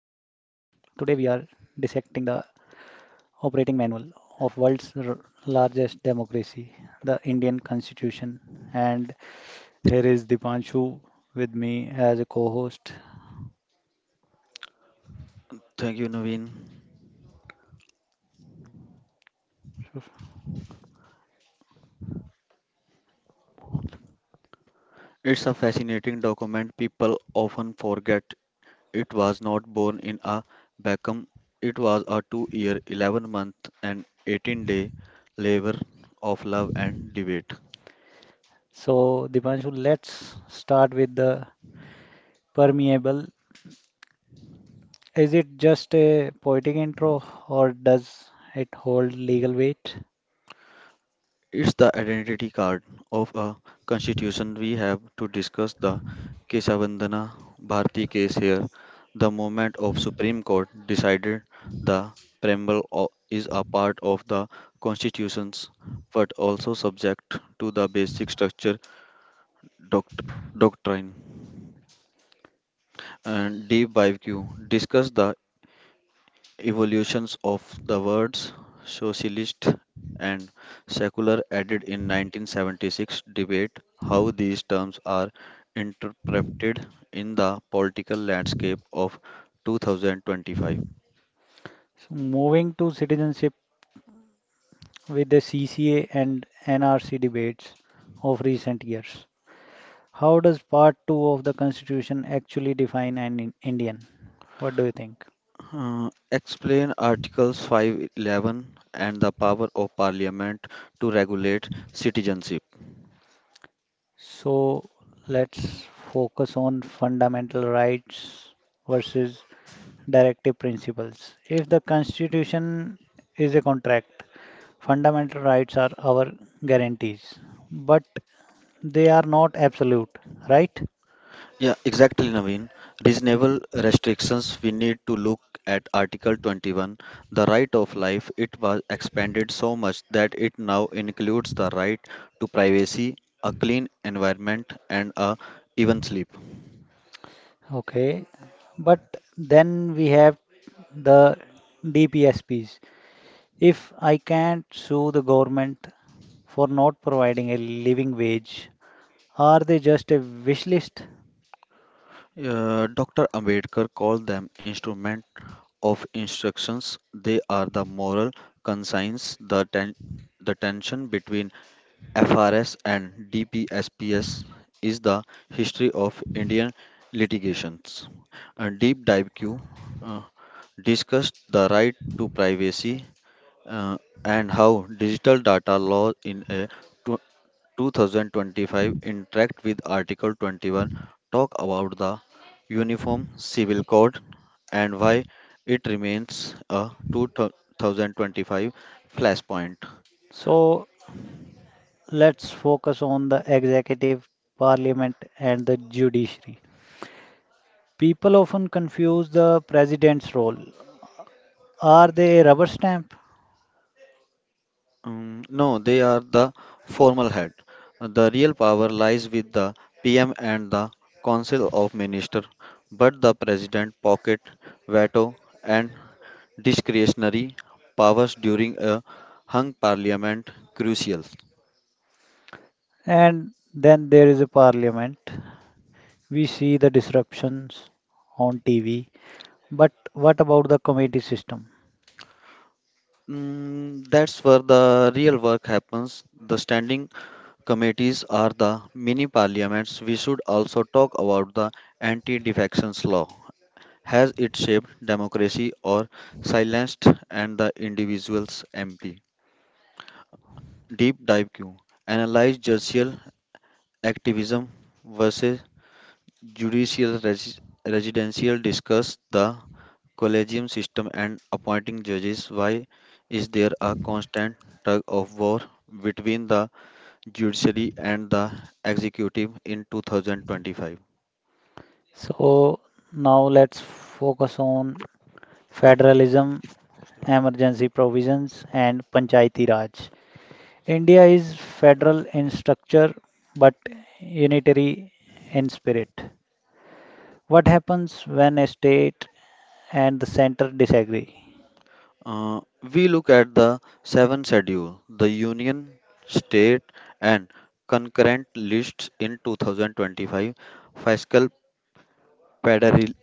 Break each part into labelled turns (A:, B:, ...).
A: we are dissecting the operating manual of world's largest democracy, the Indian Constitution. And here is Dipanshu with me as a co-host.
B: Thank you, Naveen. It's a fascinating document. People often forget it was not born in a vacuum. It was a 2 year, 11 month, and 18-day labor of love and debate.
A: So, Dipanshu, let's start with the permeable. Is it just a poetic intro or does it hold legal weight?
B: It's the identity card of a constitution. We have to discuss the Kesavandana Bharti case here. The moment of Supreme Court decided the preamble is a part of the constitutions but also subject to the basic structure doct- doctrine. And D5Q discuss the evolutions of the words socialist and secular added in 1976 debate how these terms are interpreted in the political landscape of 2025.
A: So moving to citizenship with the CCA and NRC debates of recent years. How does Part 2 of the Constitution actually define an Indian? What do you think?
B: Uh, Explain articles 511 and the power of parliament to regulate citizenship.
A: So let's focus on fundamental rights versus directive principles. If the Constitution is a contract, fundamental rights are our guarantees, but they are not absolute, right?
B: Yeah, exactly, Naveen. Reasonable restrictions, we need to look at Article 21, the right of life. It was expanded so much that it now includes the right to privacy, a clean environment, and a even sleep.
A: Okay, but then we have the DPSPs. If I can't sue the government for not providing a living wage, are they just a wish list?
B: Dr. Ambedkar called them instrument of instructions. They are the moral conscience, the tension between FRS and DPSPS is the history of Indian litigations. A deep dive Q uh, discussed the right to privacy, uh, and how digital data law in a tw- 2025 interact with Article 21. Talk about the Uniform Civil Code and why it remains a 2025 flashpoint.
A: So let's focus on the executive, parliament, and the judiciary. People often confuse the president's role. Are they a rubber stamp?
B: No, they are the formal head. The real power lies with the PM and the Council of Ministers, but the President pocket veto and discretionary powers during a hung parliament crucial.
A: And then there is a parliament. We see the disruptions on TV. But what about the committee system?
B: That's where the real work happens. The standing committees are the mini parliaments. We should also talk about the anti defections law. Has it shaped democracy or silenced and the individual's MP? Deep dive Q. Analyze judicial activism versus judicial residential. Discuss the collegium system and appointing judges. Why is there a constant tug of war between the judiciary and the executive in 2025?
A: So now let's focus on federalism, emergency provisions, and Panchayati Raj. India is federal in structure but unitary in spirit. What happens when a state and the center disagree?
B: Uh, we look at the seven schedule, the union, state, and concurrent lists in 2025. Fiscal pederi-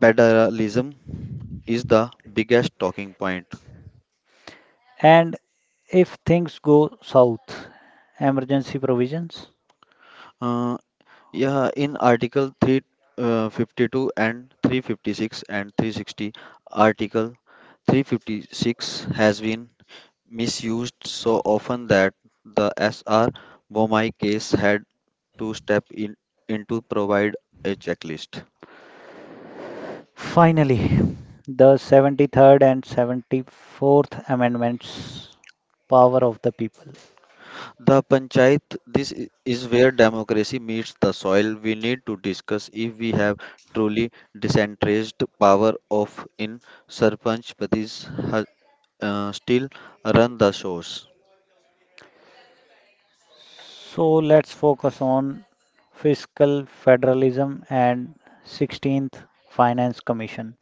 B: federalism is the biggest talking point.
A: And if things go south, emergency provisions?
B: Uh, yeah, in Article 352 and 356 and 360, Article 356 has been misused so often that the S.R. Bomai case had to step in into provide a checklist.
A: Finally, the 73rd and 74th Amendments power of the people.
B: The panchayat, this is where democracy meets the soil. We need to discuss if we have truly decentralized power of in sarpanch patis ha- still run the shows.
A: So let's focus on fiscal federalism and 16th Finance Commission.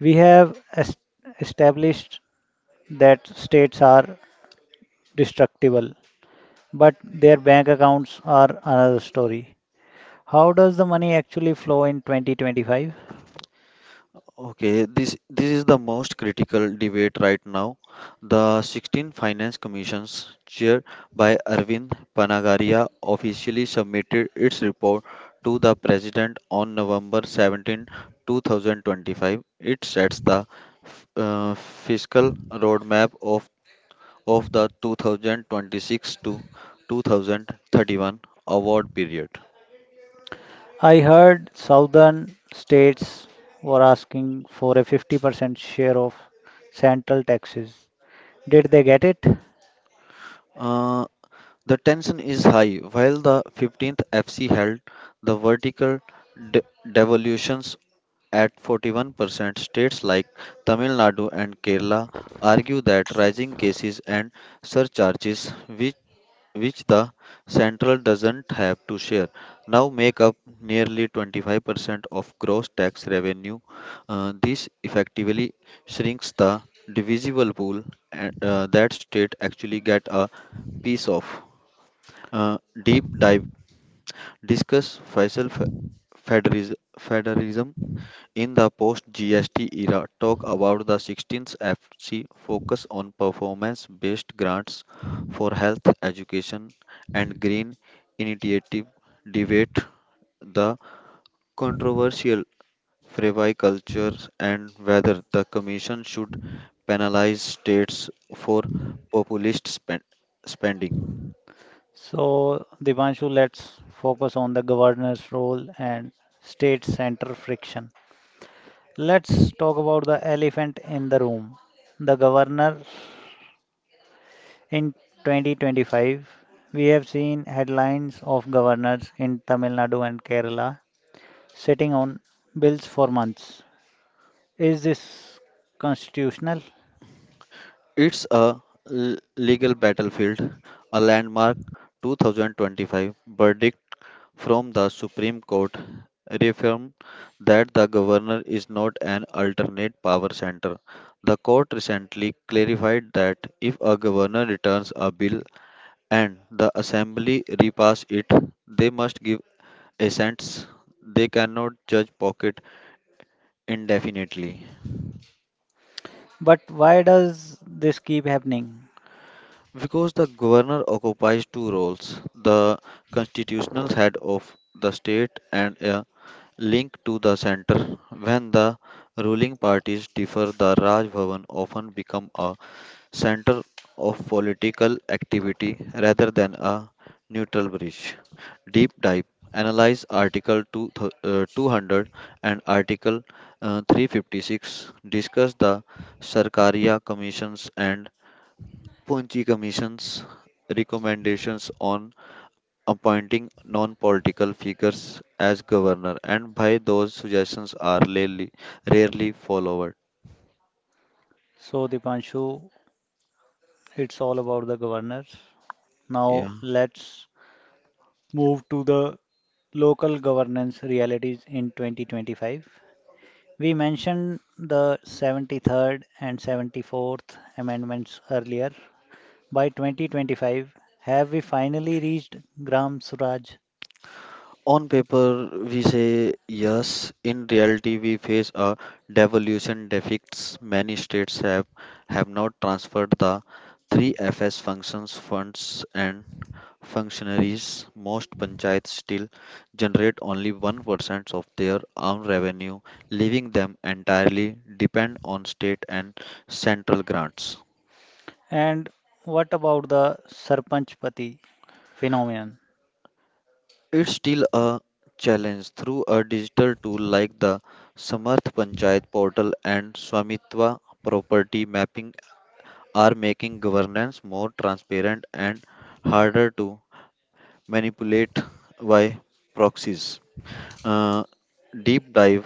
A: We have established that states are destructible, but their bank accounts are another story. How does the money actually flow in 2025?
B: Okay, this is the most critical debate right now. The 16th Finance Commission's chaired by Arvind Panagaria officially submitted its report to the president on November 17, 2025. It sets the fiscal roadmap of the 2026 to 2031 award period.
A: I heard southern states were asking for a 50% share of central taxes. Did they get it?
B: Uh, The tension is high. While the 15th FC held the vertical de- devolutions at 41%, states like Tamil Nadu and Kerala argue that rising cases and surcharges, which, which the central doesn't have to share, now make up nearly 25% of gross tax revenue. This effectively shrinks the divisible pool, that state actually get a piece of. uh, Deep dive, discuss Faisal federalism in the post GST era. Talk about the 16th FC focus on performance based grants for health, education, and green initiative. Debate the controversial freeway cultures and whether the Commission should penalize states for populist spending.
A: So, Divanshu, let's focus on the governor's role and state center friction. Let's talk about the elephant in the room. The governor in 2025, we have seen headlines of governors in Tamil Nadu and Kerala sitting on bills for months. Is this constitutional?
B: It's a legal battlefield, a landmark 2025 verdict from the Supreme Court reaffirmed that the governor is not an alternate power center. The court recently clarified that if a governor returns a bill and the assembly repass it, they must give assents. They cannot judge pocket indefinitely.
A: But why does this keep happening?
B: Because the governor occupies two roles: the constitutional head of the state and a link to the center. When the ruling parties differ, the Raj Bhavan often become a center of political activity rather than a neutral bridge. Deep dive, analyze Article 200 and Article 356. Discuss the Sarkaria commissions and Punchi Commission's recommendations on appointing non political figures as governor, and by those suggestions are rarely, rarely followed.
A: So, Dipanshu, it's all about the governors. Now,
B: Yeah.
A: let's move to the local governance realities in 2025. We mentioned the 73rd and 74th amendments earlier. By 2025, have we finally reached Gram Suraj?
B: On paper, we say yes. In reality, we face a devolution deficit. Many states have not transferred the 3FS functions, funds, and functionaries. Most panchayats still generate only 1% of their own revenue, leaving them entirely depend on state and central grants.
A: And what about the Sarpanch Pati phenomenon?
B: It's still a challenge through a digital tool like the Samarth Panchayat portal, and Swamitva property mapping are making governance more transparent and harder to manipulate by proxies. uh, Deep dive,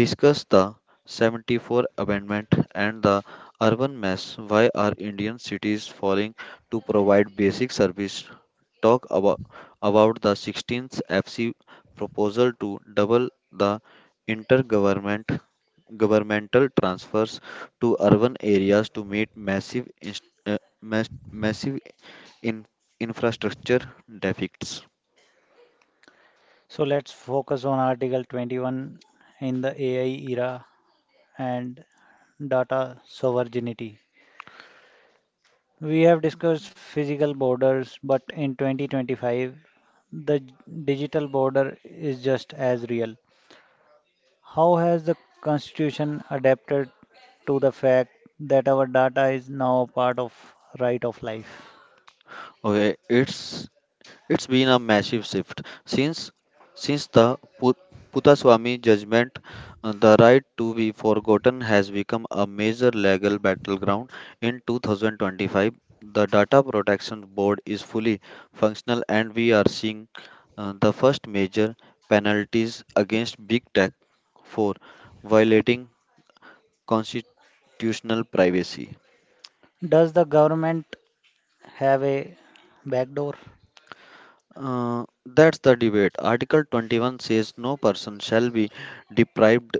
B: discuss the 74th amendment and the urban mess. Why are Indian cities falling to provide basic service? Talk about the 16th FC proposal to double the intergovernment governmental transfers to urban areas to meet massive massive in, infrastructure deficits.
A: So let's focus on Article 21 in the AI era and data sovereignty. We have discussed physical borders, but in 2025, the digital border is just as real. How has the Constitution adapted to the fact that our data is now a part of right of life?
B: Okay, it's It's been a massive shift since the Put- Puthaswamy judgment. The right to be forgotten has become a major legal battleground. In 2025, the Data Protection Board is fully functional, and we are seeing, the first major penalties against big tech for violating constitutional privacy.
A: Does the government have a backdoor?
B: That's the debate. Article 21 says no person shall be deprived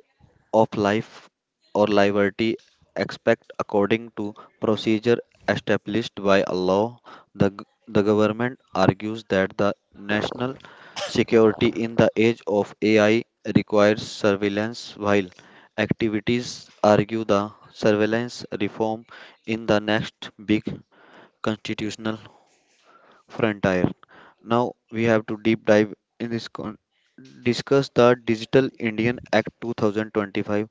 B: of life or liberty expect according to procedure established by a law. The government argues that the national security in the age of AI requires surveillance, while activities argue the surveillance reform in the next big constitutional frontier. Now we have to deep dive in this, discuss the Digital Indian Act 2025.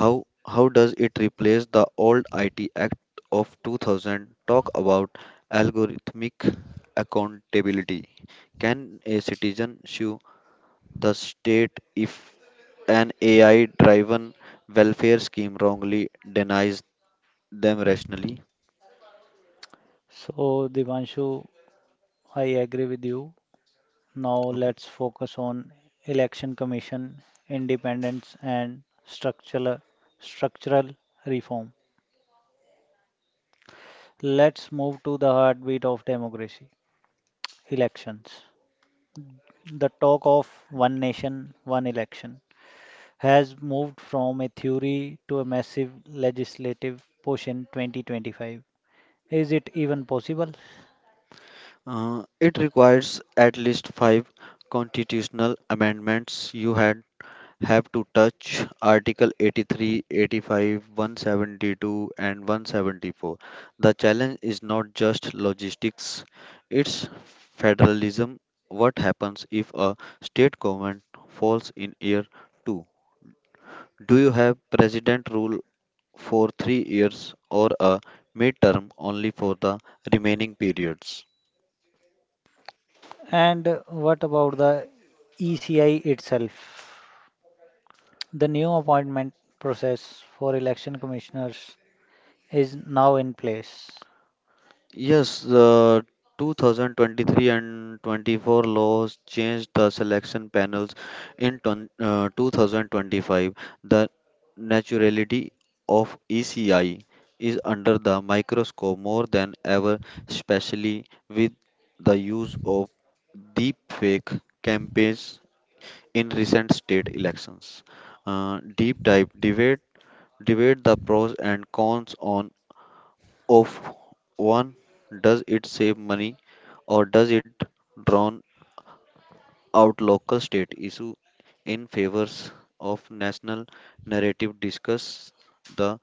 B: How does it replace the old IT Act of 2000? Talk about algorithmic accountability. Can a citizen sue the state if an AI driven welfare scheme wrongly denies them rationally?
A: So, Divanshu, I agree with you. Now
B: Okay.
A: let's focus on election commission independence and structural reform. Let's move to the heartbeat of democracy, elections. The talk of one nation, one election has moved from a theory to a massive legislative push in 2025. Is it even possible?
B: It requires at least five constitutional amendments. You had have to touch Article 83, 85, 172, and 174. The challenge is not just logistics, it's federalism. What happens if a state government falls in year two? Do you have president rule for 3 years or a midterm only for the remaining periods?
A: And what about the ECI itself? The new appointment process for election commissioners is now in place.
B: Yes, the 2023 and 24 laws changed the selection panels in 2025. The naturality of ECI is under the microscope more than ever, especially with the use of deepfake campaigns in recent state elections. Deep dive, debate the pros and cons on of one. Does it save money or does it drown out local state issue in favors of national narrative? Discuss the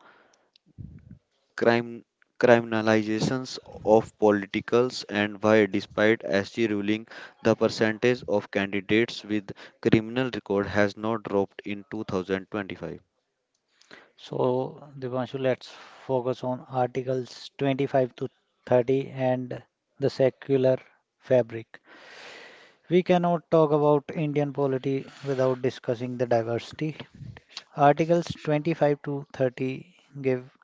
B: crime criminalizations of politicals, and why despite SG ruling the percentage of candidates with criminal record has not dropped in 2025.
A: So, Divanshu, let's focus on Articles 25 to 30 and the secular fabric. We cannot talk about Indian polity without discussing the diversity. Articles 25 to 30 give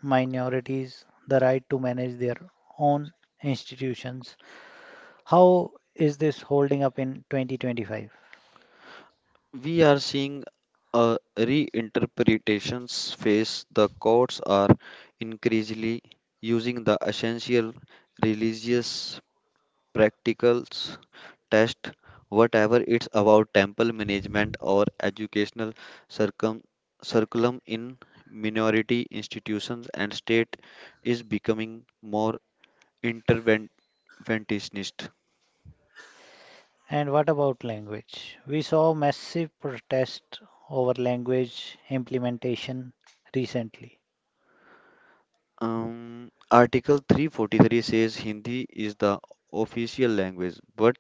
A: minorities the right to manage their own institutions. How is this holding up in 2025?
B: We are seeing a reinterpretations phase. The courts are increasingly using the essential religious practicals test, whatever it's about temple management or educational circum curriculum in minority institutions and state is becoming more interventionist.
A: And what about language? We saw massive protest over language implementation recently.
B: Article 343 says Hindi is the official language, but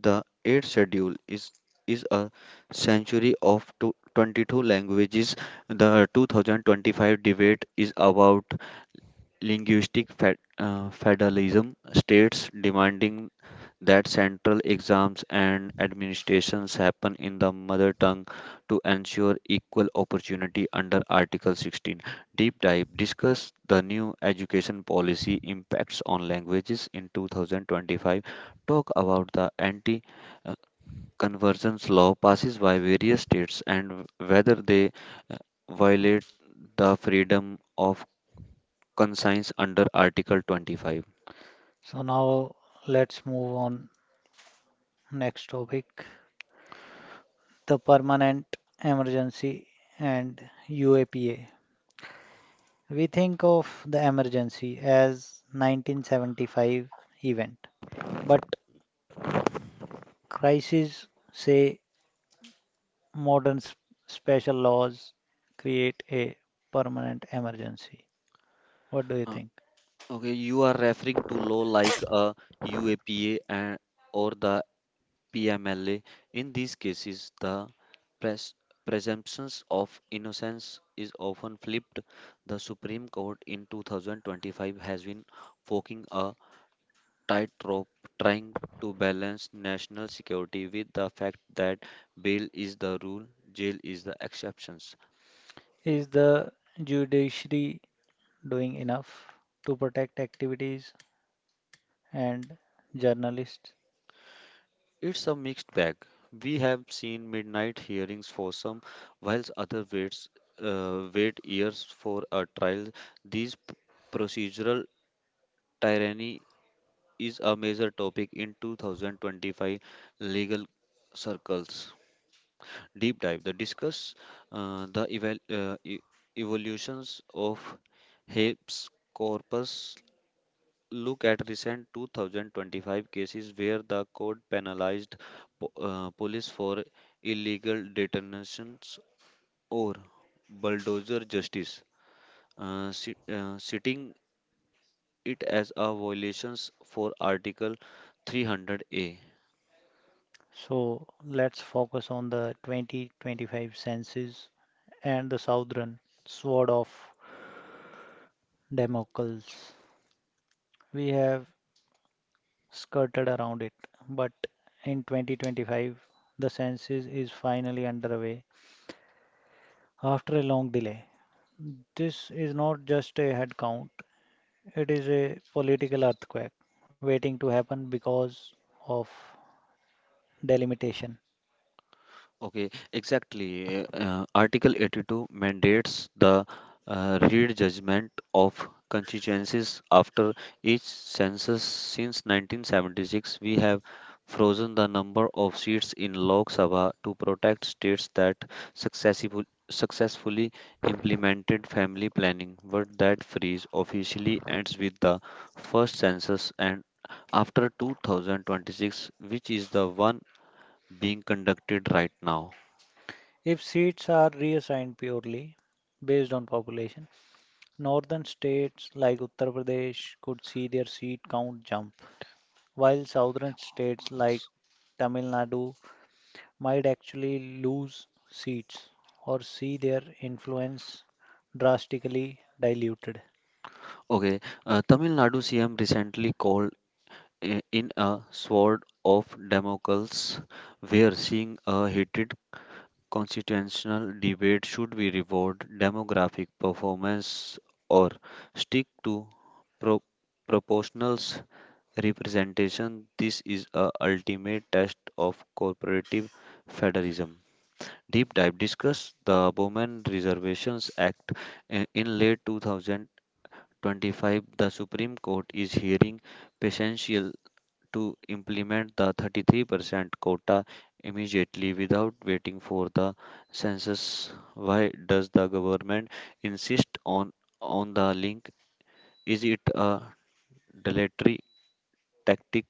B: the 8th schedule is a century of 22 languages. The 2025 debate is about linguistic federalism, states demanding that central exams and administrations happen in the mother tongue to ensure equal opportunity under Article 16. Deep dive, discuss the new education policy impacts on languages in 2025. Talk about the anti, uh, convergence law passes by various states and whether they uh, violate the freedom of conscience under Article 25.
A: So now let's move on next topic, the permanent emergency and UAPA. We think of the emergency as 1975 event, but crises say modern special laws create a permanent emergency. What do you
B: Uh,
A: think?
B: okay, you are referring to law like a UAPA, or the PMLA. In these cases, the pres- presumptions of innocence is often flipped. The Supreme Court in 2025 has been walking a tightrope trying to balance national security with the fact that bail is the rule, jail is the exception.
A: Is the judiciary doing enough to protect activities and journalists?
B: It's a mixed bag. We have seen midnight hearings for some, whilst other wait years for a trial. These procedural tyranny is a major topic in 2025 legal circles. Deep dive. The Discuss, the evolutions of habeas corpus. Look at recent 2025 cases where the court penalized, police for illegal detonations or bulldozer justice, citing it as a violation for Article 300A.
A: So let's focus on the 2025 census and the southern sword of Damocles. We have skirted around it, but in 2025, the census is finally underway after a long delay. This is not just a head count, it is a political earthquake waiting to happen because of delimitation.
B: Okay, exactly. Article 82 mandates the, read judgment of constituencies after each census. Since 1976, we have frozen the number of seats in Lok Sabha to protect states that successful, successfully implemented family planning. But that freeze officially ends with the first census and after 2026, which is the one being conducted right now.
A: If seats are reassigned purely based on population, northern states like Uttar Pradesh could see their seat count jump, while southern states like Tamil Nadu might actually lose seats or see their influence drastically diluted.
B: Okay, Tamil Nadu CM recently called in a sword of Damocles, where seeing a heated constitutional debate should we reward demographic performance or stick to pro- proportionals representation. This is a ultimate test of corporative federalism. Deep dive, discuss the Bowman Reservations Act, in late 2000 25, the Supreme Court is hearing potential to implement the 33% quota immediately without waiting for the census. Why does the government insist on the link? Is it a dilatory tactic,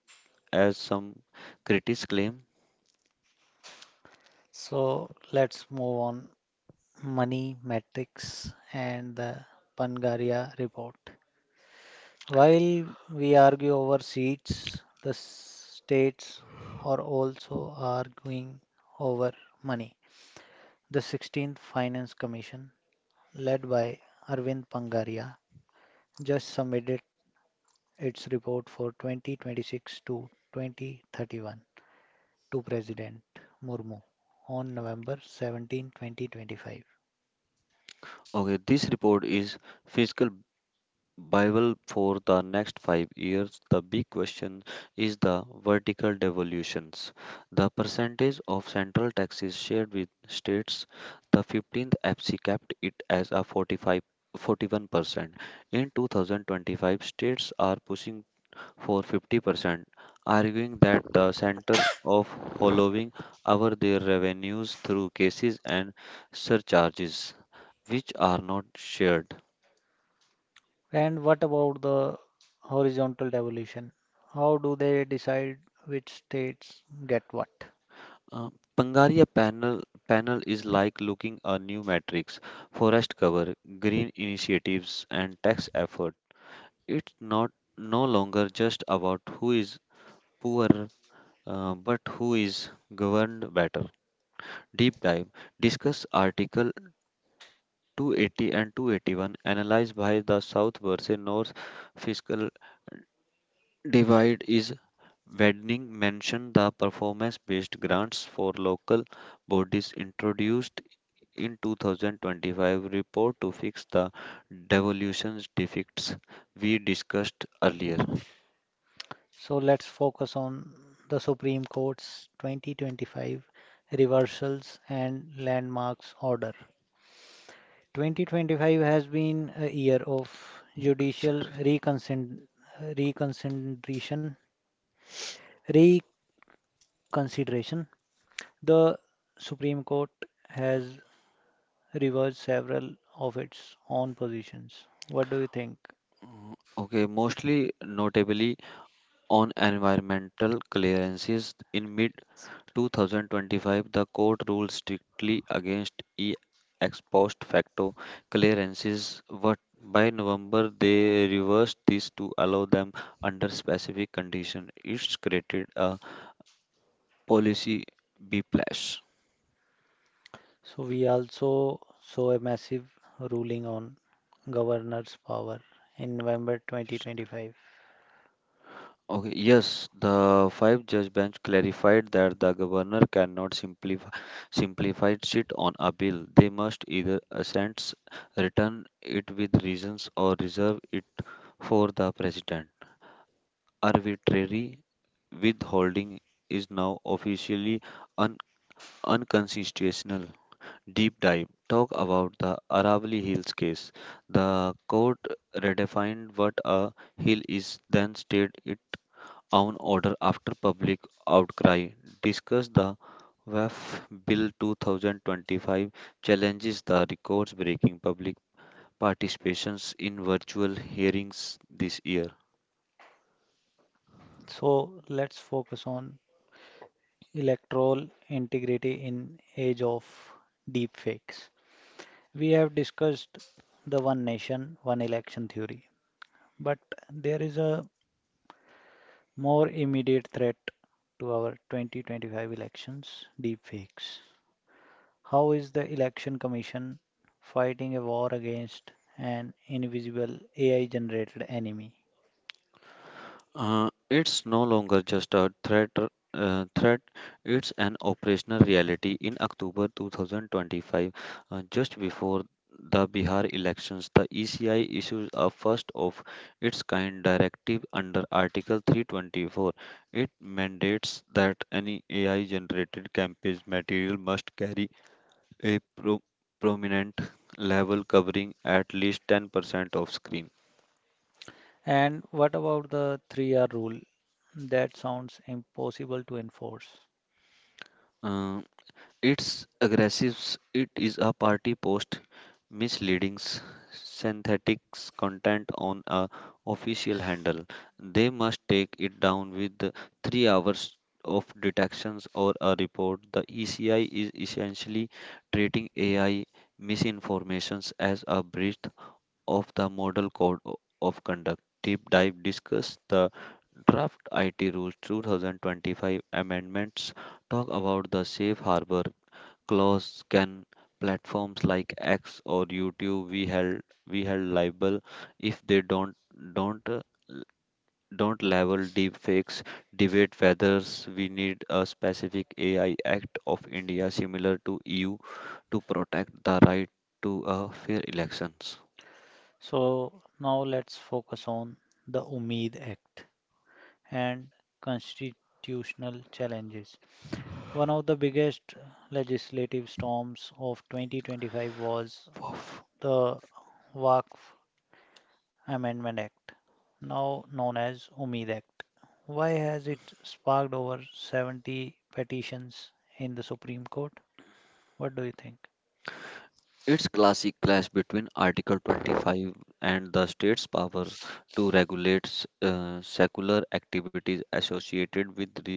B: as some critics claim?
A: So let's move on Money metrics and the Pangaria Report. While we argue over seats, the states are also arguing over money. The 16th Finance Commission, led by Arvind Pangaria, just submitted its report for 2026 to 2031 to President Murmu on November 17, 2025.
B: Okay, this report is fiscal Bible for the next 5 years. The big question is the vertical devolutions. The percentage of central taxes shared with states, the 15th FC capped it as a 45, 41%. In 2025, states are pushing for 50%, arguing that the center of hollowing out their revenues through cases and surcharges, which are not shared.
A: And what about the horizontal devolution? How do they decide which states get what?
B: Uh, Pangaria panel is like looking a new matrix, forest cover, green initiatives, and tax effort. It's not no longer just about who is poor, but who is governed better. Deep dive discuss Article 280 and 281, analyzed by the South versus North fiscal divide is widening. Mention the performance-based grants for local bodies introduced in 2025 report to fix the devolution defects we discussed earlier.
A: So let's focus on the Supreme Court's 2025 reversals and landmarks order. 2025 has been a year of judicial reconsideration. reconsideration. The Supreme Court has reversed several of its own positions. What do you think?
B: Mm, okay, mostly notably on environmental clearances in mid 2025, the court ruled strictly against e ex post facto clearances. But by November, they reversed this to allow them under specific conditions. It's created a policy whiplash.
A: So we also saw a massive ruling on governor's power in November 2025.
B: Okay, yes, the five-judge bench clarified that the governor cannot simplify it on a bill. They must either assent, return it with reasons, or reserve it for the president. Arbitrary withholding is now officially un- unconstitutional. Deep dive. Talk about the Aravalli Hills case. The court redefined what a hill is, then stated own order after public outcry, discuss the WAF Bill 2025 challenges the records breaking public participations in virtual hearings this year.
A: So let's focus on electoral integrity in age of deepfakes. We have discussed the one nation, one election theory, but there is a more immediate threat to our 2025 elections, deepfakes. How is the Election Commission fighting a war against an invisible AI generated enemy?
B: It's no longer just a threat. It's an operational reality. In October 2025, just before the Bihar elections, the ECI issues a first of its kind directive under Article 324. It mandates that any AI generated campaign material must carry a prominent level covering at least 10% of screen.
A: And what about the 3R rule? That sounds impossible to enforce.
B: Uh, It's aggressive, it is a party post, misleading, synthetic content on a official handle. They must take it down with the 3 hours of detections or a report. The ECI is essentially treating AI misinformations as a breach of the model code of conduct. Deep dive discuss the draft IT rules 2025 amendments talk about the safe harbor clause can platforms like X or YouTube we held liable if they don't uh, l- don't label deepfakes debate whether we need a specific AI Act of India similar to EU to protect the right to a fair elections.
A: So now let's focus on the Umeed Act and constitutional challenges. One of the biggest legislative storms of 2025 was
B: Wow.
A: the Waqf Amendment Act, now known as UMID Act. Why has it sparked over 70 petitions in the Supreme Court? What do you think?
B: It's classic clash between Article 25 and the state's power to regulate secular activities associated with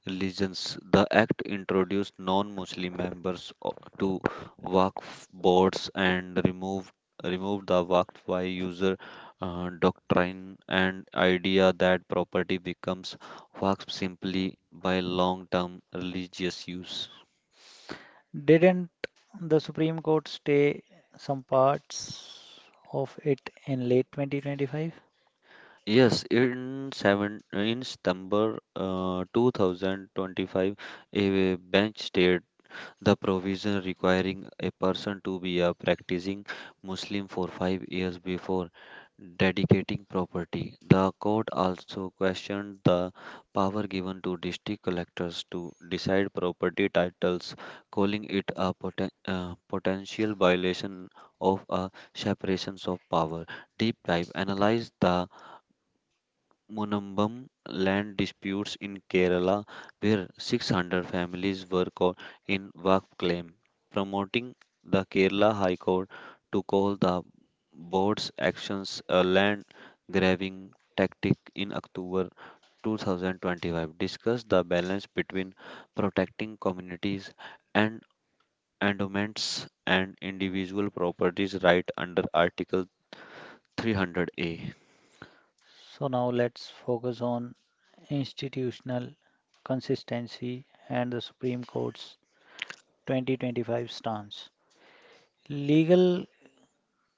B: religions. The act introduced non-Muslim members to Waqf boards and removed the Waqf by user doctrine and idea that property becomes Waqf simply by long-term religious use.
A: Didn't the Supreme Court stay some parts of it in late 2025?
B: Yes, in September 2025, a bench stated the provision requiring a person to be a practicing Muslim for 5 years before dedicating property. The court also questioned the power given to district collectors to decide property titles, calling it a potential violation of a separations of power. Deep dive analyzed the Munambam land disputes in Kerala, where 600 families were caught in Vak claim, promoting the Kerala High Court to call the board's actions a land grabbing tactic in October 2025. Discuss the balance between protecting communities and endowments and individual properties right under Article 300A.
A: So now let's focus on institutional consistency and the Supreme Court's 2025 stance. Legal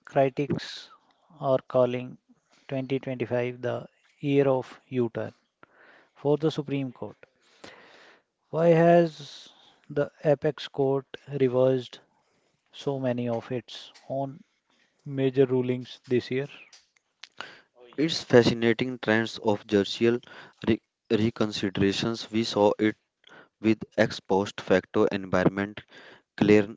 A: critics are calling 2025 the year of U-turn for the Supreme Court. Why has the apex court reversed so many of its own major rulings this year?
B: It's fascinating trends of judicial re- reconsiderations. We saw it with ex post facto environment clear-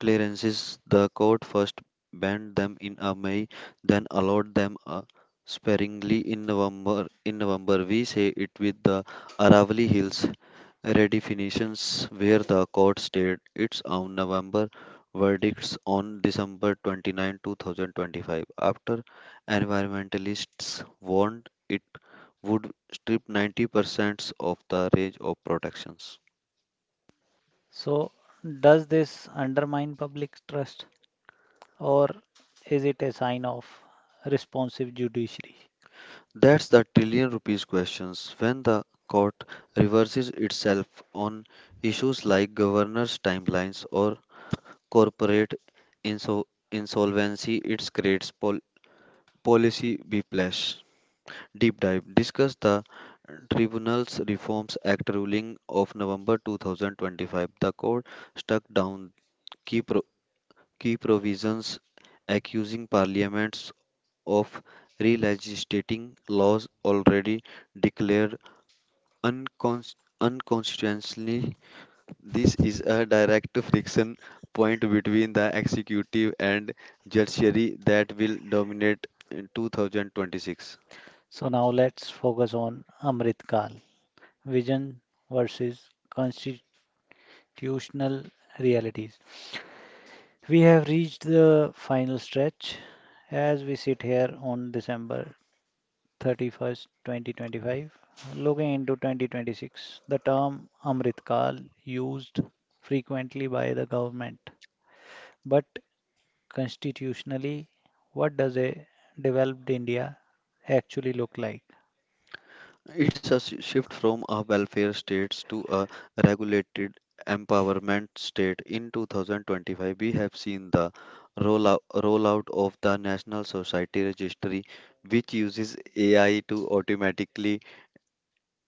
B: clearances. The court first banned them in May, then allowed them sparingly in November. In November, we say it with the Aravali Hills redefinitions where the court stated its own November verdicts on December 29, 2025, after environmentalists warned it would strip 90% of the range of protections.
A: So, does this undermine public trust or is it a sign of responsive judiciary?
B: That's the trillion rupees questions when the court reverses itself on issues like governors' timelines or corporate insol- insolvency, it creates policy whiplash. Deep Dive discuss the Tribunals Reforms Act ruling of November 2025. The court struck down key, pro- key provisions accusing parliaments of re-legislating laws already declared uncons- unconstitutionally. This is a direct friction point between the executive and judiciary that will dominate in 2026.
A: So, now let's focus on Amrit Kal, vision versus constitutional realities. We have reached the final stretch as we sit here on December 31st, 2025. Looking into 2026, the term Amrit Kal used frequently by the government. But constitutionally, what does a developed India actually look like?
B: It's a shift from a welfare states to a regulated empowerment state. In 2025, we have seen the rollout of the National Society Registry, which uses AI to automatically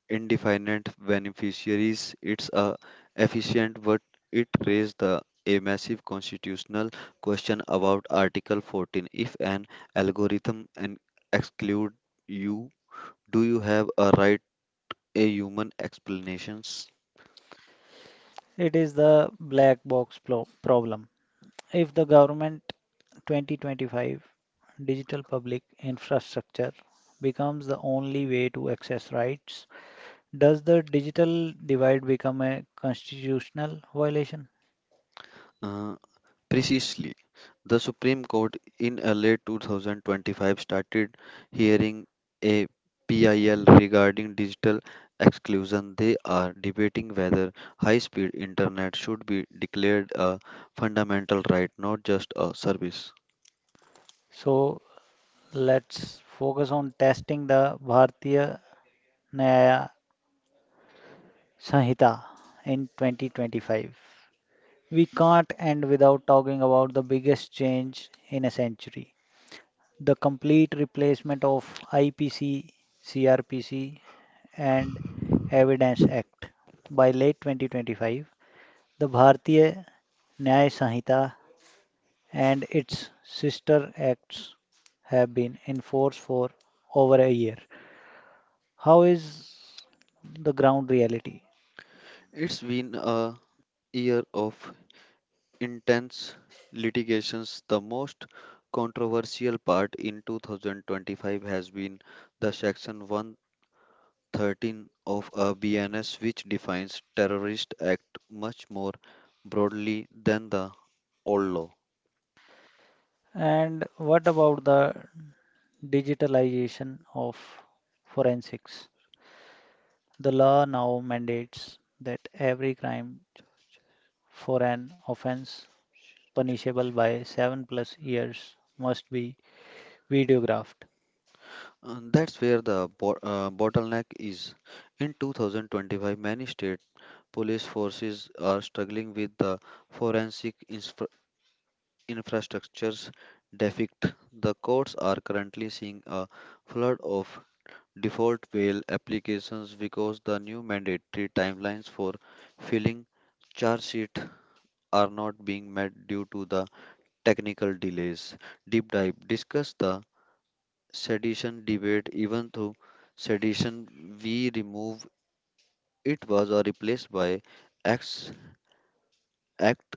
B: indefinite beneficiaries. It's a efficient, but it raised the a massive constitutional question about Article 14. If an algorithm and exclude you, do you have a right a human explanations.
A: It is the black box problem. If the government 2025 digital public infrastructure becomes the only way to access rights, does the digital divide become a constitutional violation?
B: Uh, Precisely, the Supreme Court in early 2025 started hearing a PIL regarding digital exclusion. They are debating whether high speed internet should be declared a fundamental right, not just a service.
A: So let's focus on testing the Bharatiya न्याय Sanhita in 2025. We can't end without talking about the biggest change in a century, the complete replacement of IPC, CRPC, and Evidence Act. By late 2025, the Bharatiya Nyaya Sanhita and its sister acts have been in force for over a year. How is the ground reality?
B: It's been a year of intense litigations. The most controversial part in 2025 has been the Section 1 13 of a BNS, which defines terrorist act much more broadly than the old law.
A: And what about the digitalization of forensics? The law now mandates that every crime for an offense punishable by 7 plus years must be videographed.
B: And that's where the bottleneck is. In 2025, many state police forces are struggling with the forensic infrastructures defect. The courts are currently seeing a flood of default bail applications because the new mandatory timelines for filling charge sheet are not being met due to the technical delays. Deep Dive discuss the sedition debate even though sedition we remove it was or replaced by acts act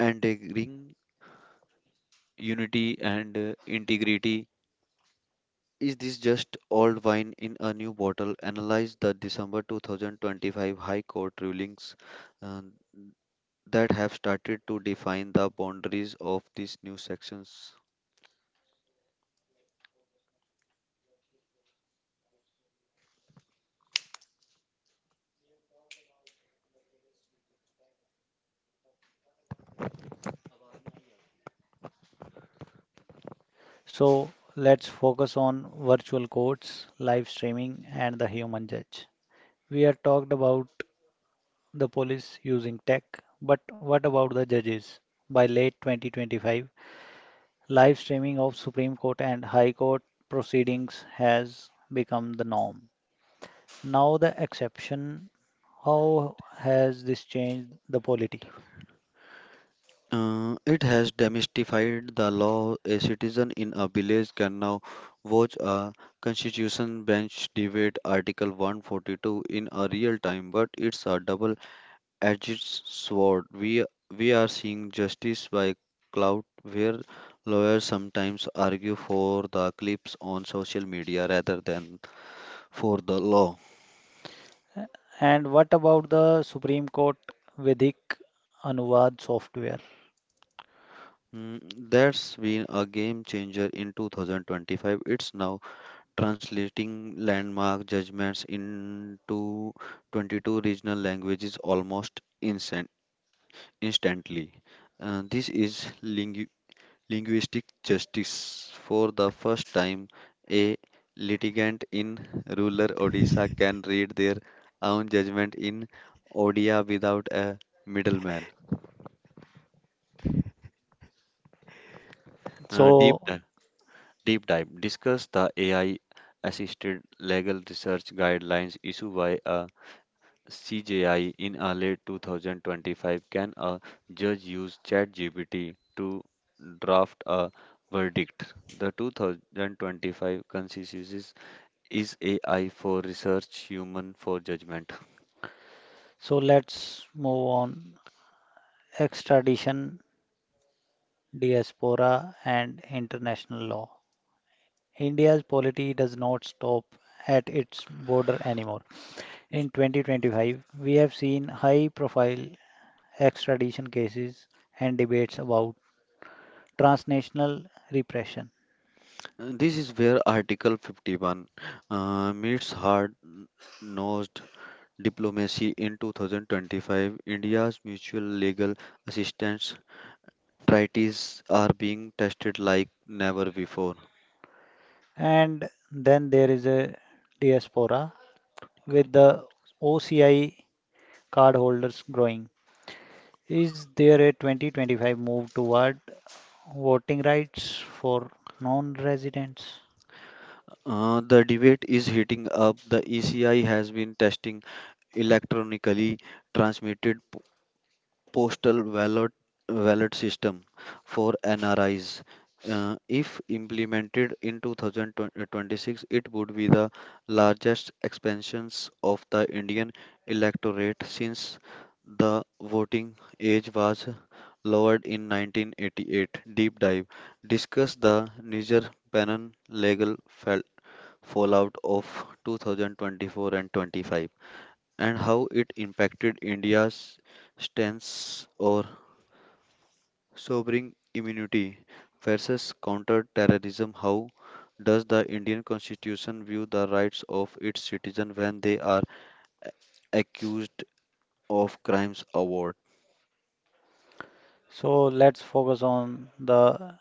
B: entering unity and integrity. Is this just old wine in a new bottle? Analyze the December 2025 High Court rulings uh, that have started to define the boundaries of these new sections.
A: So let's focus on virtual courts, live streaming, and the human judge. We have talked about the police using tech, but what about the judges? By late 2025, live streaming of Supreme Court and High Court proceedings has become the norm. Now, the exception, how has this changed the polity?
B: It has demystified the law. A citizen in a village can now watch a constitution bench debate Article 142 in a real time, but it's a double-edged sword. We are seeing justice by clout, where lawyers sometimes argue for the clips on social media rather than for the law.
A: And what about the Supreme Court Vedic Anuvad software?
B: Mm, that's been a game changer in 2025. It's now translating landmark judgments into 22 regional languages almost instantly. This is linguistic justice. For the first time, a litigant in rural Odisha can read their own judgment in Odia without a middleman. Uh, deep
A: So,
B: dive, deep dive. Discuss the AI assisted legal research guidelines issued by a CJI in early 2025, can a judge use ChatGPT to draft a verdict? The 2025 consensus is AI for research, human for judgment.
A: So let's move on. Extradition, diaspora, and international law. India's polity does not stop at its border anymore. In 2025, we have seen high profile extradition cases and debates about transnational repression.
B: This is where Article 51 meets hard nosed diplomacy in 2025. India's mutual legal assistance treaties are being tested like never before.
A: And then there is a diaspora with the OCI card holders growing. Is there a 2025 move toward voting rights for non-residents?
B: The debate is heating up. The ECI has been testing electronically transmitted postal ballot system for NRIs. If implemented in 2026, it would be the largest expansions of the Indian electorate since the voting age was lowered in 1988. Deep dive discuss the Niger Bannon legal fallout of 2024 and 25 and how it impacted India's stance or sobering immunity versus counter-terrorism. How does the Indian Constitution view the rights of its citizens when they are accused of crimes abroad?
A: So let's focus on the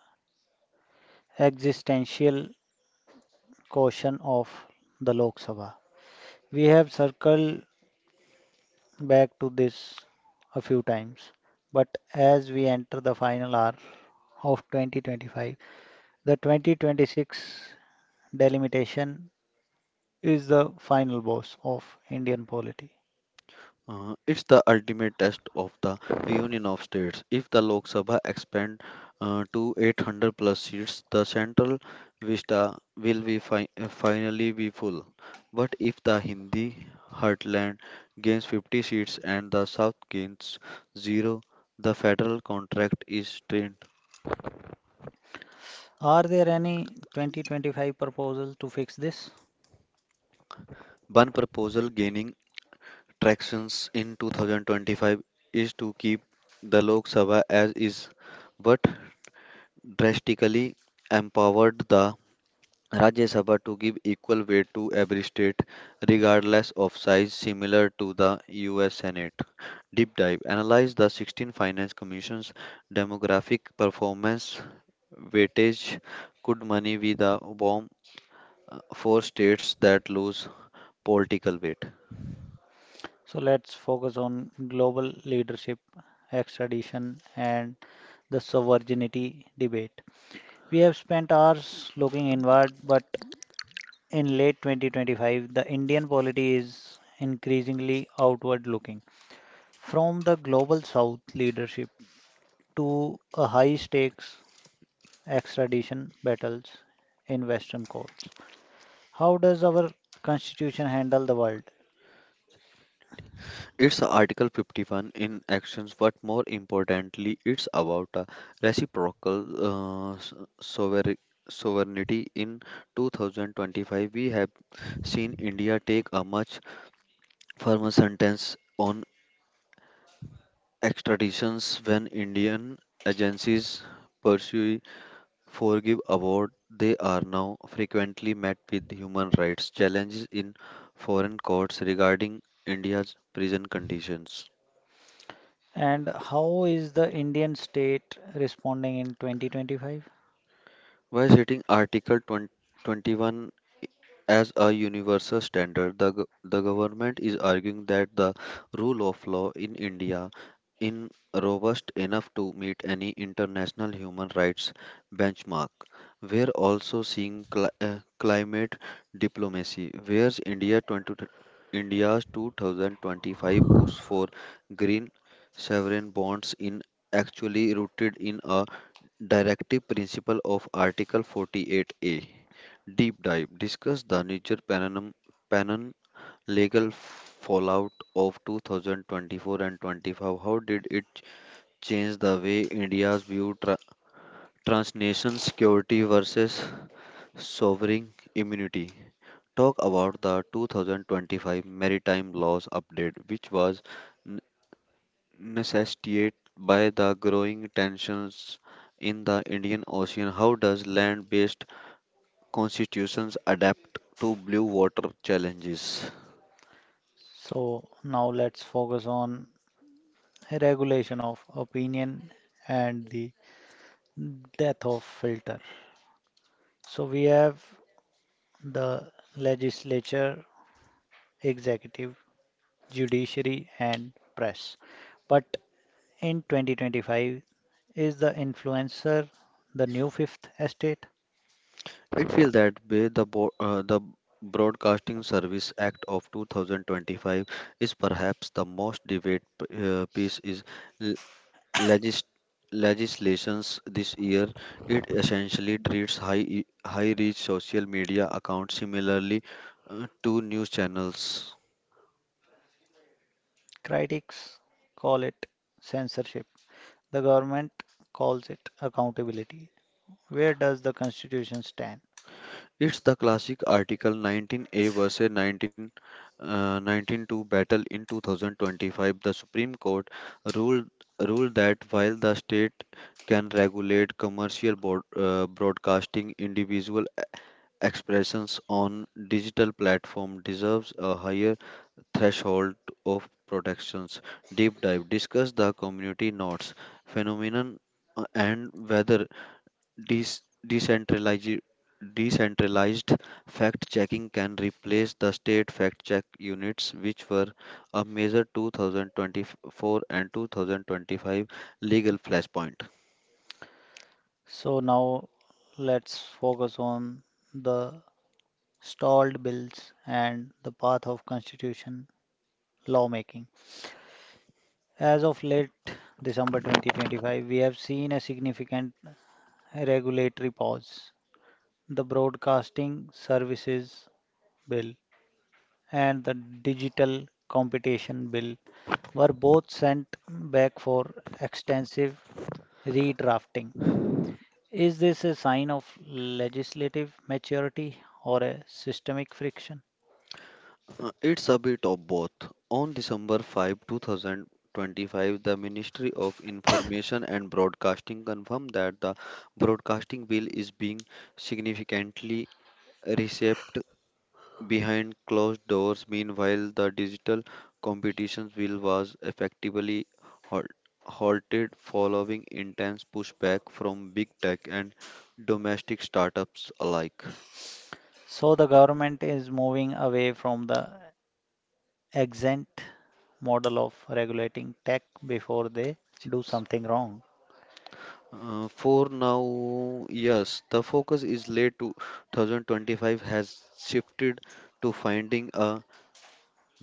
A: existential question of the Lok Sabha. We have circled back to this a few times, but as we enter the final hour of 2025, the 2026 delimitation is the final boss of Indian polity.
B: It's the ultimate test of the union of states. If the Lok Sabha expand to 800 plus seats, the central vista will be finally be full. But if the Hindi heartland gains 50 seats and the South gains zero, the federal contract is strained.
A: Are there any 2025 proposals to fix this?
B: One proposal gaining tractions in 2025 is to keep the Lok Sabha as is. What drastically empowered the Rajya Sabha to give equal weight to every state, regardless of size, similar to the US Senate. Deep dive analyze the 16 Finance Commission's demographic performance weightage. Could money be the bomb for states that lose political weight?
A: So let's focus on global leadership, extradition, and the sovereignty debate. We have spent hours looking inward, but in late 2025, the Indian polity is increasingly outward looking. From the global south leadership to a high stakes extradition battles in Western courts. How does our constitution handle the world?
B: It's Article 51 in actions, but more importantly, it's about a reciprocal uh, s- sover- sovereignty. In 2025, we have seen India take a much firmer sentence on extraditions when Indian agencies pursue forgive award. They are now frequently met with human rights challenges in foreign courts regarding India's prison conditions.
A: And how is the Indian state responding in 2025?
B: By setting Article 20 21 as a universal standard, the government is arguing that the rule of law in India is robust enough to meet any international human rights benchmark. We are also seeing climate diplomacy, where India 20, India's 2025 push for green sovereign bonds in actually rooted in a Directive principle of Article 48A. Deep dive discuss the Niger Panon legal fallout of 2024 and 25. How did it change the way India's view transnational security versus sovereign immunity? Talk about the 2025 maritime laws update, which was necessitated by the growing tensions in the Indian Ocean. How does land based constitutions adapt to blue water challenges?
A: So now let's focus on regulation of opinion and the death of filter. So we have the legislature, executive, judiciary, and press. But in 2025, is the influencer the new fifth estate?
B: It feels that way the Broadcasting Service Act of 2025 is perhaps the most debated piece is l- legis- legislations this year. It essentially treats high reach social media accounts similarly to news channels.
A: Critics call it censorship. The government calls it accountability. Where does the constitution stand?
B: It's the classic Article 19A versus 19, 19.2 battle in 2025. The Supreme Court ruled, ruled that while the state can regulate commercial broadcasting, individual expressions on digital platform deserves a higher threshold of protections. Deep dive, discuss the community notes phenomenon and whether Dec- decentralized decentralized fact checking can replace the state fact check units, which were a major 2024 and 2025 legal flashpoint.
A: So now let's focus on the stalled bills and the path of constitution lawmaking. As of late December 2025, we have seen a significant regulatory pause. The Broadcasting Services Bill and the Digital Competition Bill were both sent back for extensive redrafting. Is this a sign of legislative maturity or a systemic friction?
B: It's a bit of both. On december 5 2025, the Ministry of Information and Broadcasting confirmed that the broadcasting bill is being significantly reshaped. Behind closed doors, meanwhile, the digital competitions bill was effectively halt- halted following intense pushback from big tech and domestic startups alike.
A: So the government is moving away from the exempt model of regulating tech before they do something wrong.
B: For now, yes, the focus is late 2025 has shifted to finding a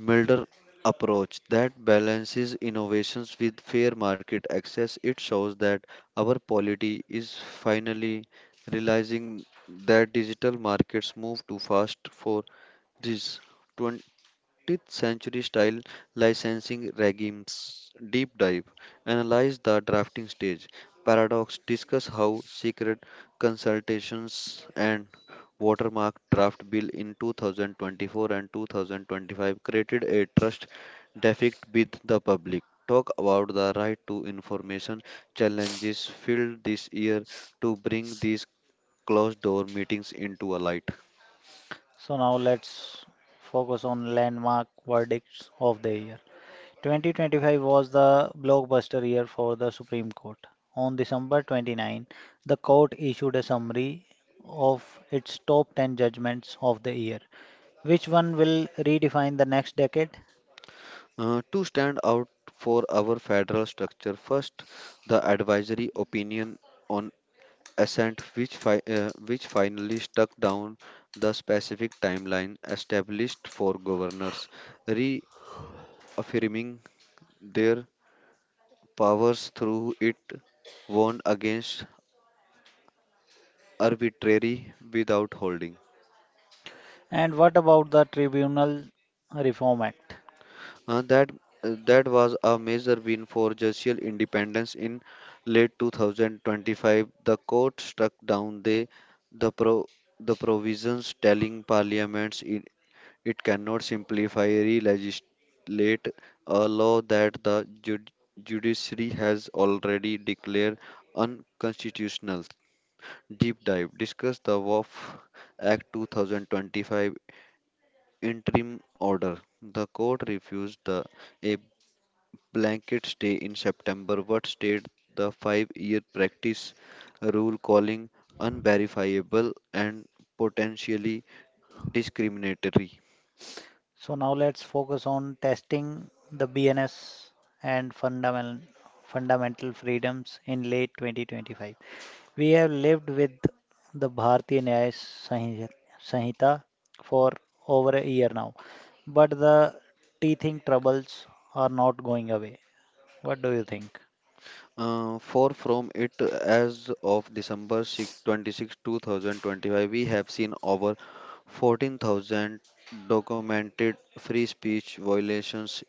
B: milder approach that balances innovations with fair market access. It shows that our polity is finally realizing that digital markets move too fast for this 20th century style licensing regimes. Deep dive, analyze the drafting stage paradox. Discuss how secret consultations and watermark draft bill in 2024 and 2025 created a trust deficit with the public. Talk about the right to information challenges filled this year to bring these closed door meetings into a light.
A: So now let's focus on landmark verdicts of the year. 2025 was the blockbuster year for the Supreme Court. On December 29, the court issued a summary of its top 10 judgments of the year. Which one will redefine the next decade?
B: To stand out for our federal structure, first, the advisory opinion on assent, which finally stuck down the specific timeline established for governors, reaffirming their powers through it, warned against arbitrary without holding.
A: And what about the Tribunal Reform Act?
B: Uh, that that was a major win for judicial independence in late 2025. The court struck down the pro, the provisions telling parliaments it cannot simplify re-legislate a law that judiciary has already declared unconstitutional. Deep dive, discuss the WAF Act 2025 interim order. The court refused the a blanket stay in September, what state the 5-year practice rule calling unverifiable and potentially discriminatory?
A: So now let's focus on testing the BNS and fundamental freedoms in late 2025. We have lived with the Sanhita for over a year now, but the teething troubles are not going away. What do you think?
B: For from it as of December 6th, 26, 2025, we have seen over 14,000 documented free speech violations.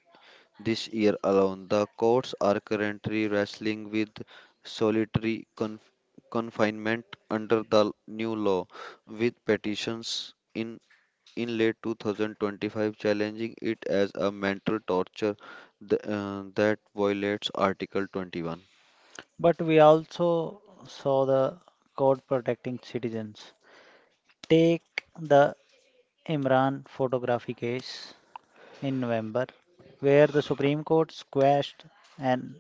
B: This year alone, the courts are currently wrestling with solitary confinement under the new law, with petitions in late 2025 challenging it as a mental torture that violates Article 21.
A: But we also saw the code protecting citizens. Take the Imran photography case in November, where the Supreme Court squashed an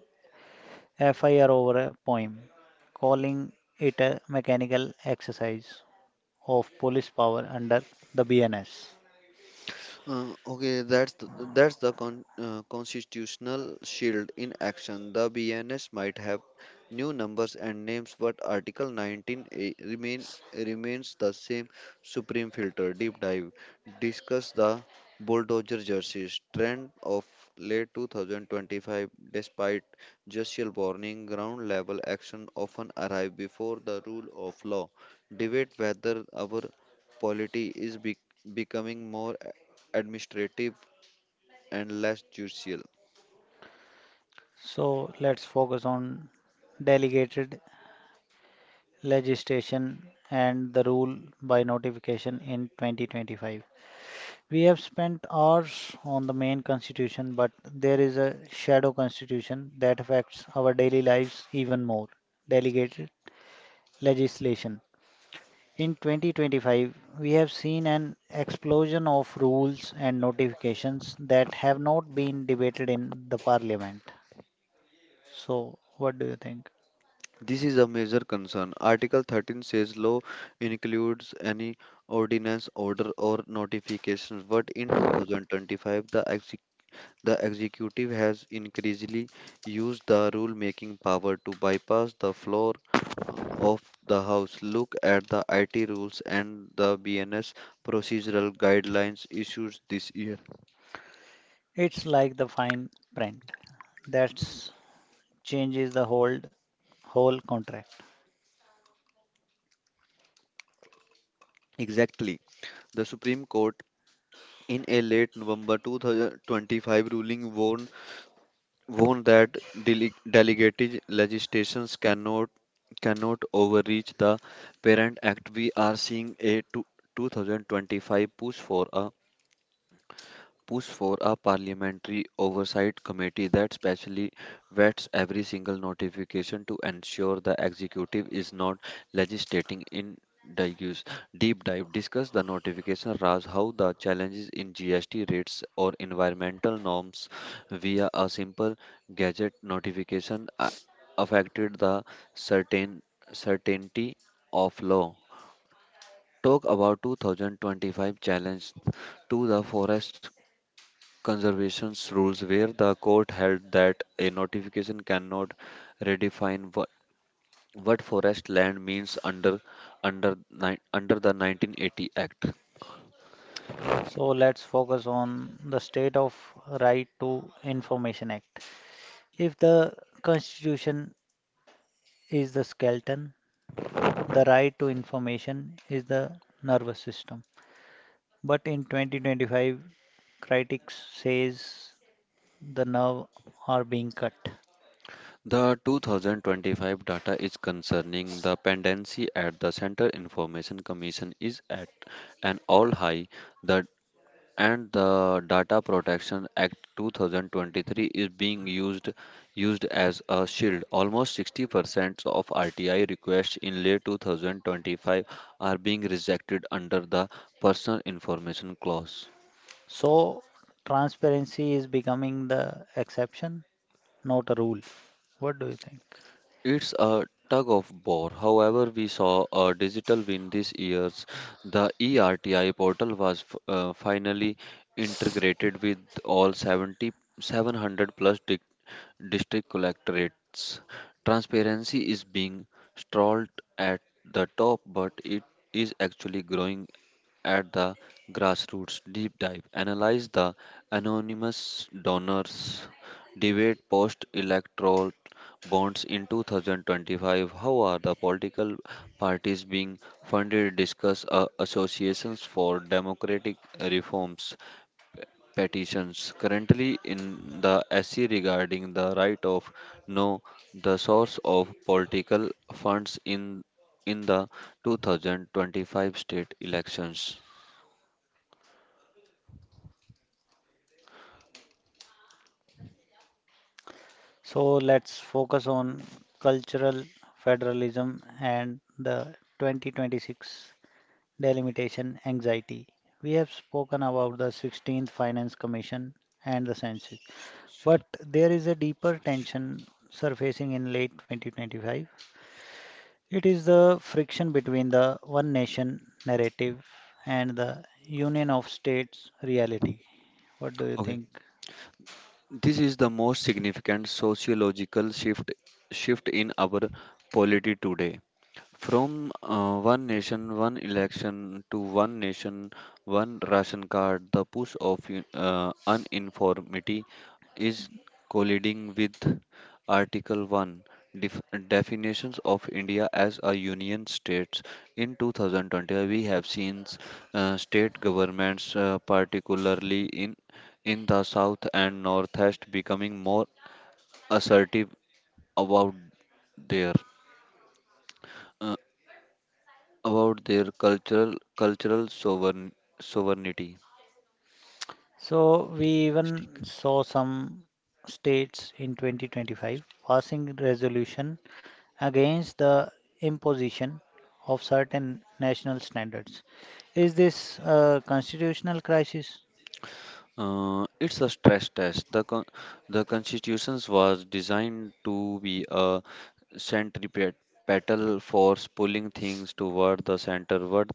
A: FIR over a poem, calling it a mechanical exercise of police power under the BNS.
B: Okay, that's the constitutional shield in action. The BNS might have new numbers and names, but Article 19 a remains the same. Supreme filter, deep dive, discuss the bulldozer jerseys trend of late 2025. Despite judicial warning, ground level action often arrive before the rule of law. Debate whether our polity is becoming more administrative and less judicial.
A: So let's focus on delegated legislation and the rule by notification in 2025. We have spent hours on the main constitution, but there is a shadow constitution that affects our daily lives even more delegated legislation. In 2025, we have seen an explosion of rules and notifications that have not been debated in the parliament. So, what do you think?
B: This is a major concern. Article 13 says law includes any ordinance, order, or notification, but in 2025, the executive has increasingly used the rule-making power to bypass the floor of the House. Look at the IT rules and the BNS procedural guidelines issued this year.
A: It's like the fine print that changes the whole contract.
B: Exactly. The Supreme Court in a late November 2025 ruling warned that delegated legislations cannot overreach the Parent Act. We are seeing a 2025 push for a parliamentary oversight committee that specially vets every single notification to ensure the executive is not legislating in digus. Deep dive, discuss the notification Raj, how the challenges in GST rates or environmental norms via a simple gadget notification affected the certain certainty of law. Talk about 2025 challenge to the forest conservation's rules, where the court held that a notification cannot redefine what forest land means under the 1980 Act.
A: So let's focus on the state of right to information act. If the constitution is the skeleton, the right to information is the nervous system. But in 2025, critics says the nerve are being cut.
B: The 2025 data is concerning, the pendency at the Central Information Commission is at an all high. The the Data Protection Act 2023 is being used as a shield. Almost 60% of RTI requests in late 2025 are being rejected under the Personal Information Clause.
A: So transparency is becoming the exception, not a rule. What do you think?
B: It's a tug of war. However, we saw a digital win this year. The ERTI portal was finally integrated with all 70 700 plus district collectorates. Transparency is being stalled at the top, but it is actually growing at the grassroots. Deep dive. Analyze the anonymous donors debate post electoral bonds in 2025. How are the political parties being funded? Discuss associations for democratic reforms petitions currently in the SC regarding the right of know the source of political funds in the 2025 state elections.
A: So let's focus on cultural federalism and the 2026 delimitation anxiety. We have spoken about the 16th Finance Commission and the census, but
B: Social-
A: there is a deeper
B: social-
A: tension surfacing in late 2025. It is the friction between the one nation narrative and the union of states reality. What do you
B: Okay.
A: think?
B: This is the most significant sociological shift in our polity today. From one nation, one election to one nation, one ration card, the push of uniformity is colliding with Article 1 def- definitions of India as a union states. In 2020, we have seen state governments, particularly in the south and northeast, becoming more assertive about there. About their cultural sovereignty.
A: So we even saw some states in 2025 passing resolution against the imposition of certain national standards. Is this a constitutional crisis?
B: It's a stress test. The constitution was designed to be a centripetal force pulling things toward the center. But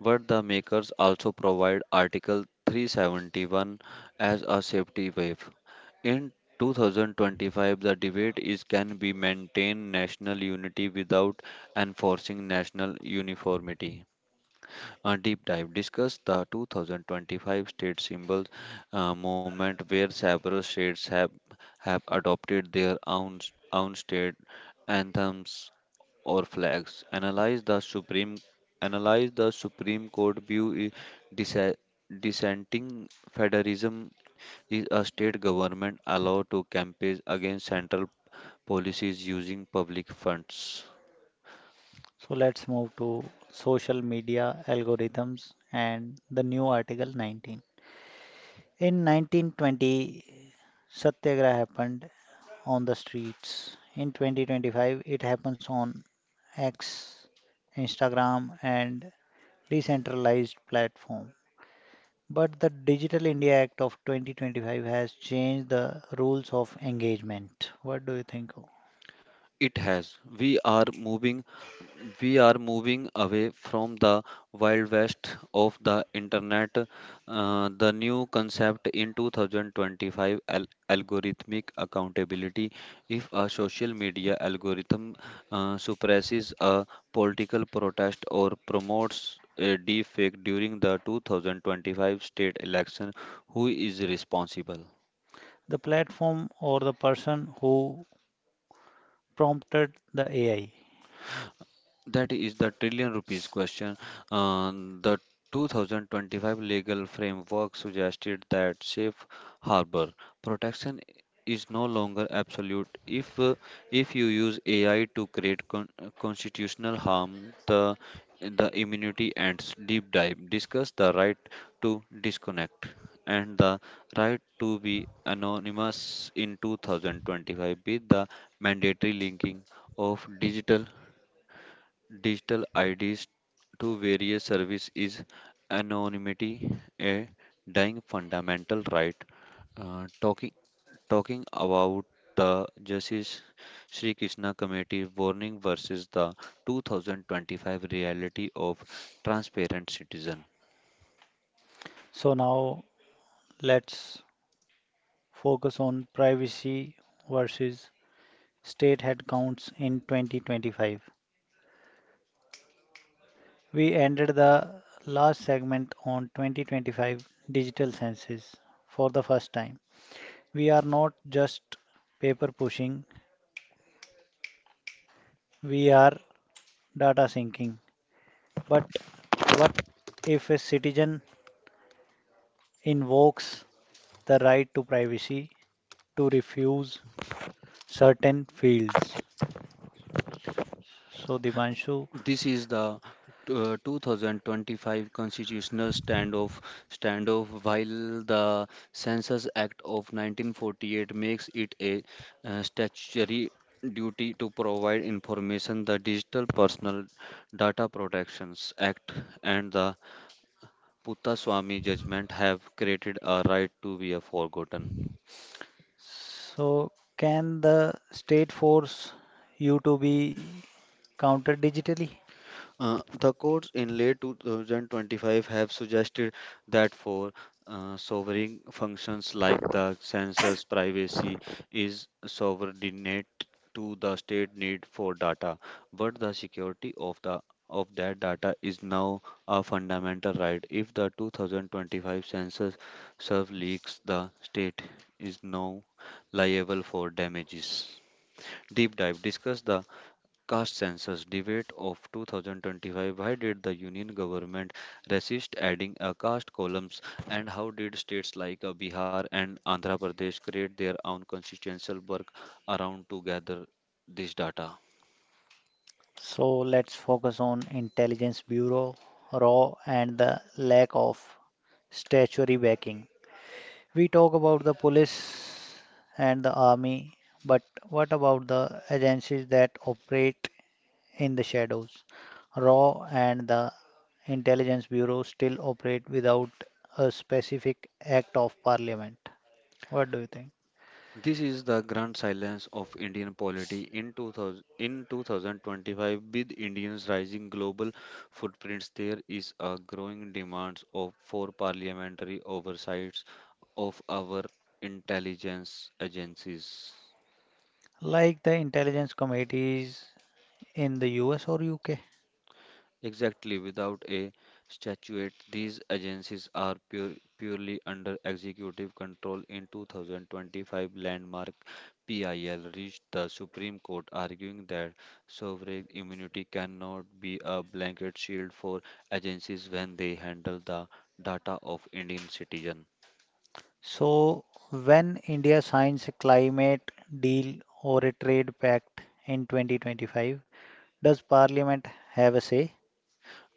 B: but the makers also provide Article 371 as a safety wave. In 2025, the debate is can we maintain national unity without enforcing national uniformity. A deep dive, discuss the 2025 state symbols movement where several states have adopted their own state anthems or flags. Analyze the supreme court view dissa- dissenting federalism. Is a state government allowed to campaign against central policies using public funds?
A: So let's move to social media algorithms and the new Article 19. In 1920, Satyagraha happened on the streets. In 2025, it happens on X, Instagram, and decentralized platform. But the Digital India Act of 2025 has changed the rules of engagement. What do you think?
B: It has, we are moving away from the wild west of the internet. The new concept in 2025, algorithmic accountability. If a social media algorithm suppresses a political protest or promotes a deep fake during the 2025 state election, who is responsible?
A: The platform or the person who prompted the AI.
B: That is the trillion rupees question. Uh, the 2025 legal framework suggested that safe harbor protection is no longer absolute. If you use AI to create constitutional harm, the immunity ends. Deep dive, discuss the right to disconnect and the right to be anonymous in 2025. With the mandatory linking of digital IDs to various service, is anonymity a dying fundamental right? Uh, talking Talking about the Justice Sri Krishna Committee warning versus the 2025 reality of transparent citizen.
A: So now let's focus on privacy versus state headcounts in 2025. We ended the last segment on 2025 digital census for the first time. We are not just paper pushing, we are data syncing. But what if a citizen invokes the right to privacy to refuse certain fields? So, Divanshu,
B: This is the 2025 constitutional standoff. While the Census Act of 1948 makes it a statutory duty to provide information, the Digital Personal Data Protections Act and the Puttaswamy judgment have created a right to be a forgotten.
A: so can the state force you to be counted digitally?
B: The courts in late 2025 have suggested that for sovereign functions like the census, privacy is subordinate to the state need for data, but the security of the of that data is now a fundamental right. If the 2025 census serve leaks, the state is now liable for damages. Deep dive, discuss the Caste census debate of 2025. Why did the union government resist adding a caste columns, and how did states like Bihar and Andhra Pradesh create their own constitutional work around to gather this data?
A: So let's focus on Intelligence Bureau, RAW, and the lack of statutory backing. We talk about the police and the army, but what about the agencies that operate in the shadows? RAW and the Intelligence Bureau still operate without a specific act of parliament. What do you think?
B: This is the grand silence of Indian polity in 2025. With Indians rising global footprints, there is a growing demand of for parliamentary oversights of our intelligence agencies.
A: Like the intelligence committees in the US or UK?
B: Exactly, without a statute, these agencies are purely under executive control. In 2025, landmark PIL reached the Supreme Court, arguing that sovereign immunity cannot be a blanket shield for agencies when they handle the data of Indian citizens.
A: So, when India signs a climate deal or a trade pact in 2025, does Parliament have a say?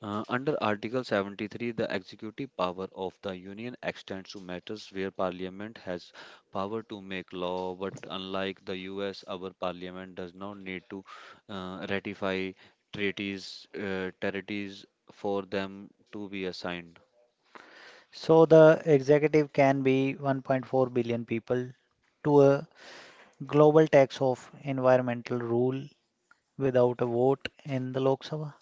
B: Under Article 73, the executive power of the Union extends to matters where Parliament has power to make law, but unlike the US, our Parliament does not need to ratify treaties, territories for them to be assigned.
A: So, the executive can be 1.4 billion people to a global tax of environmental rule without a vote in the Lok Sabha.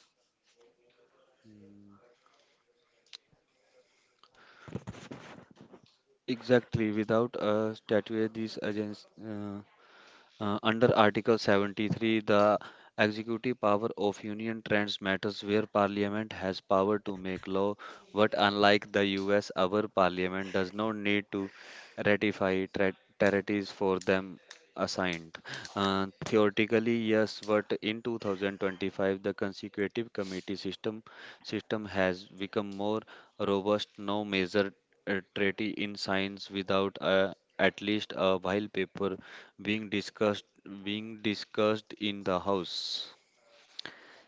B: Exactly, without a statute, these agents. Under Article 73, the executive power of Union trends matters where Parliament has power to make law, but unlike the US, our Parliament does not need to ratify territories for them assigned. Theoretically, yes, but in 2025, the consecutive committee system has become more robust. No major treaty in science without at least a while paper being discussed being discussed in the House.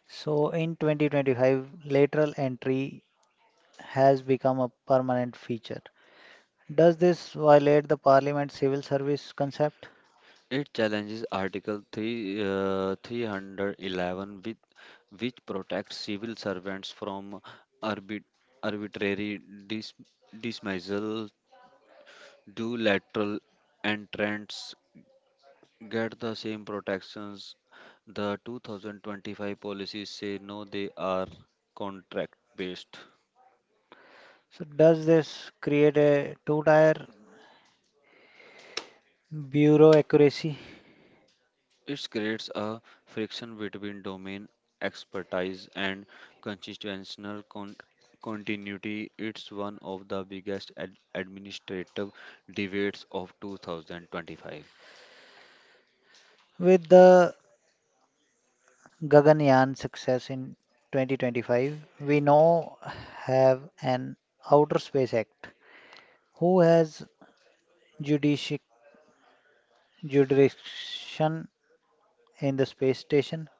A: So, in 2025, lateral entry has become a permanent feature. Does this violate the Parliament civil service concept?
B: It challenges Article 3, 311, which protects civil servants from arbit, arbitrary dis, dismissal. Do lateral entrants get the same protections? The 2025 policies say no, they are contract based.
A: So does this create a two-tier bureau accuracy?
B: It creates a friction between domain expertise and constitutional continuity. It's one of the biggest administrative debates of 2025.
A: With the Gaganyaan success in 2025, we now have an Outer Space Act. Who has judici- jurisdiction in the space station?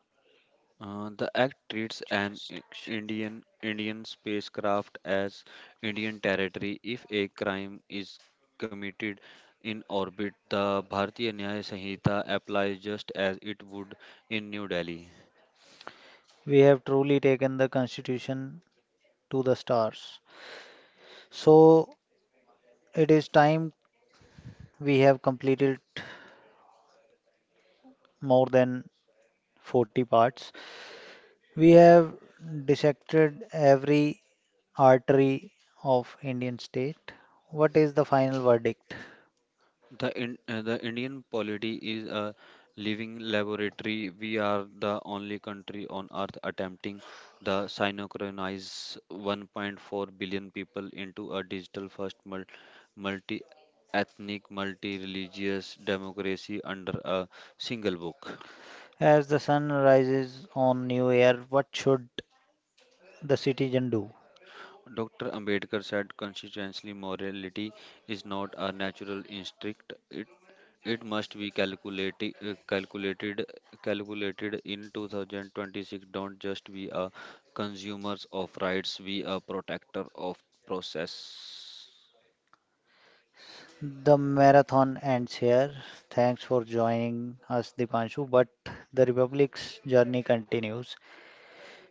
B: The act treats an
A: Jurisdiction.
B: Indian spacecraft as Indian territory if a crime is committed in orbit. The Bharatiya Nyaya Sanhita applies just as it would in New Delhi.
A: We have truly taken the Constitution to the stars. So it is time. We have completed more than 40 parts. We have dissected every artery of Indian state. What is the final verdict?
B: The Indian polity is a living laboratory. We are the only country on earth attempting the synchronize 1.4 billion people into a digital first multi-ethnic, multi-religious democracy under a single book.
A: As the sun rises on new year, what should the citizen do?
B: Dr. Ambedkar said constitutionally morality is not a natural instinct. It must be calculated, calculated in 2026. Don't just be a consumers of rights, be a protector of process.
A: The marathon ends here. Thanks for joining us, Dipanshu, but the Republic's journey continues.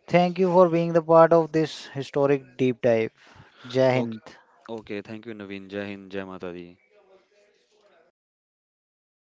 A: Thank you for being the part of this historic deep dive. Jai
B: Okay,
A: Hind.
B: okay. Thank you, Naveen. Jai Hind, Jai Mata Di.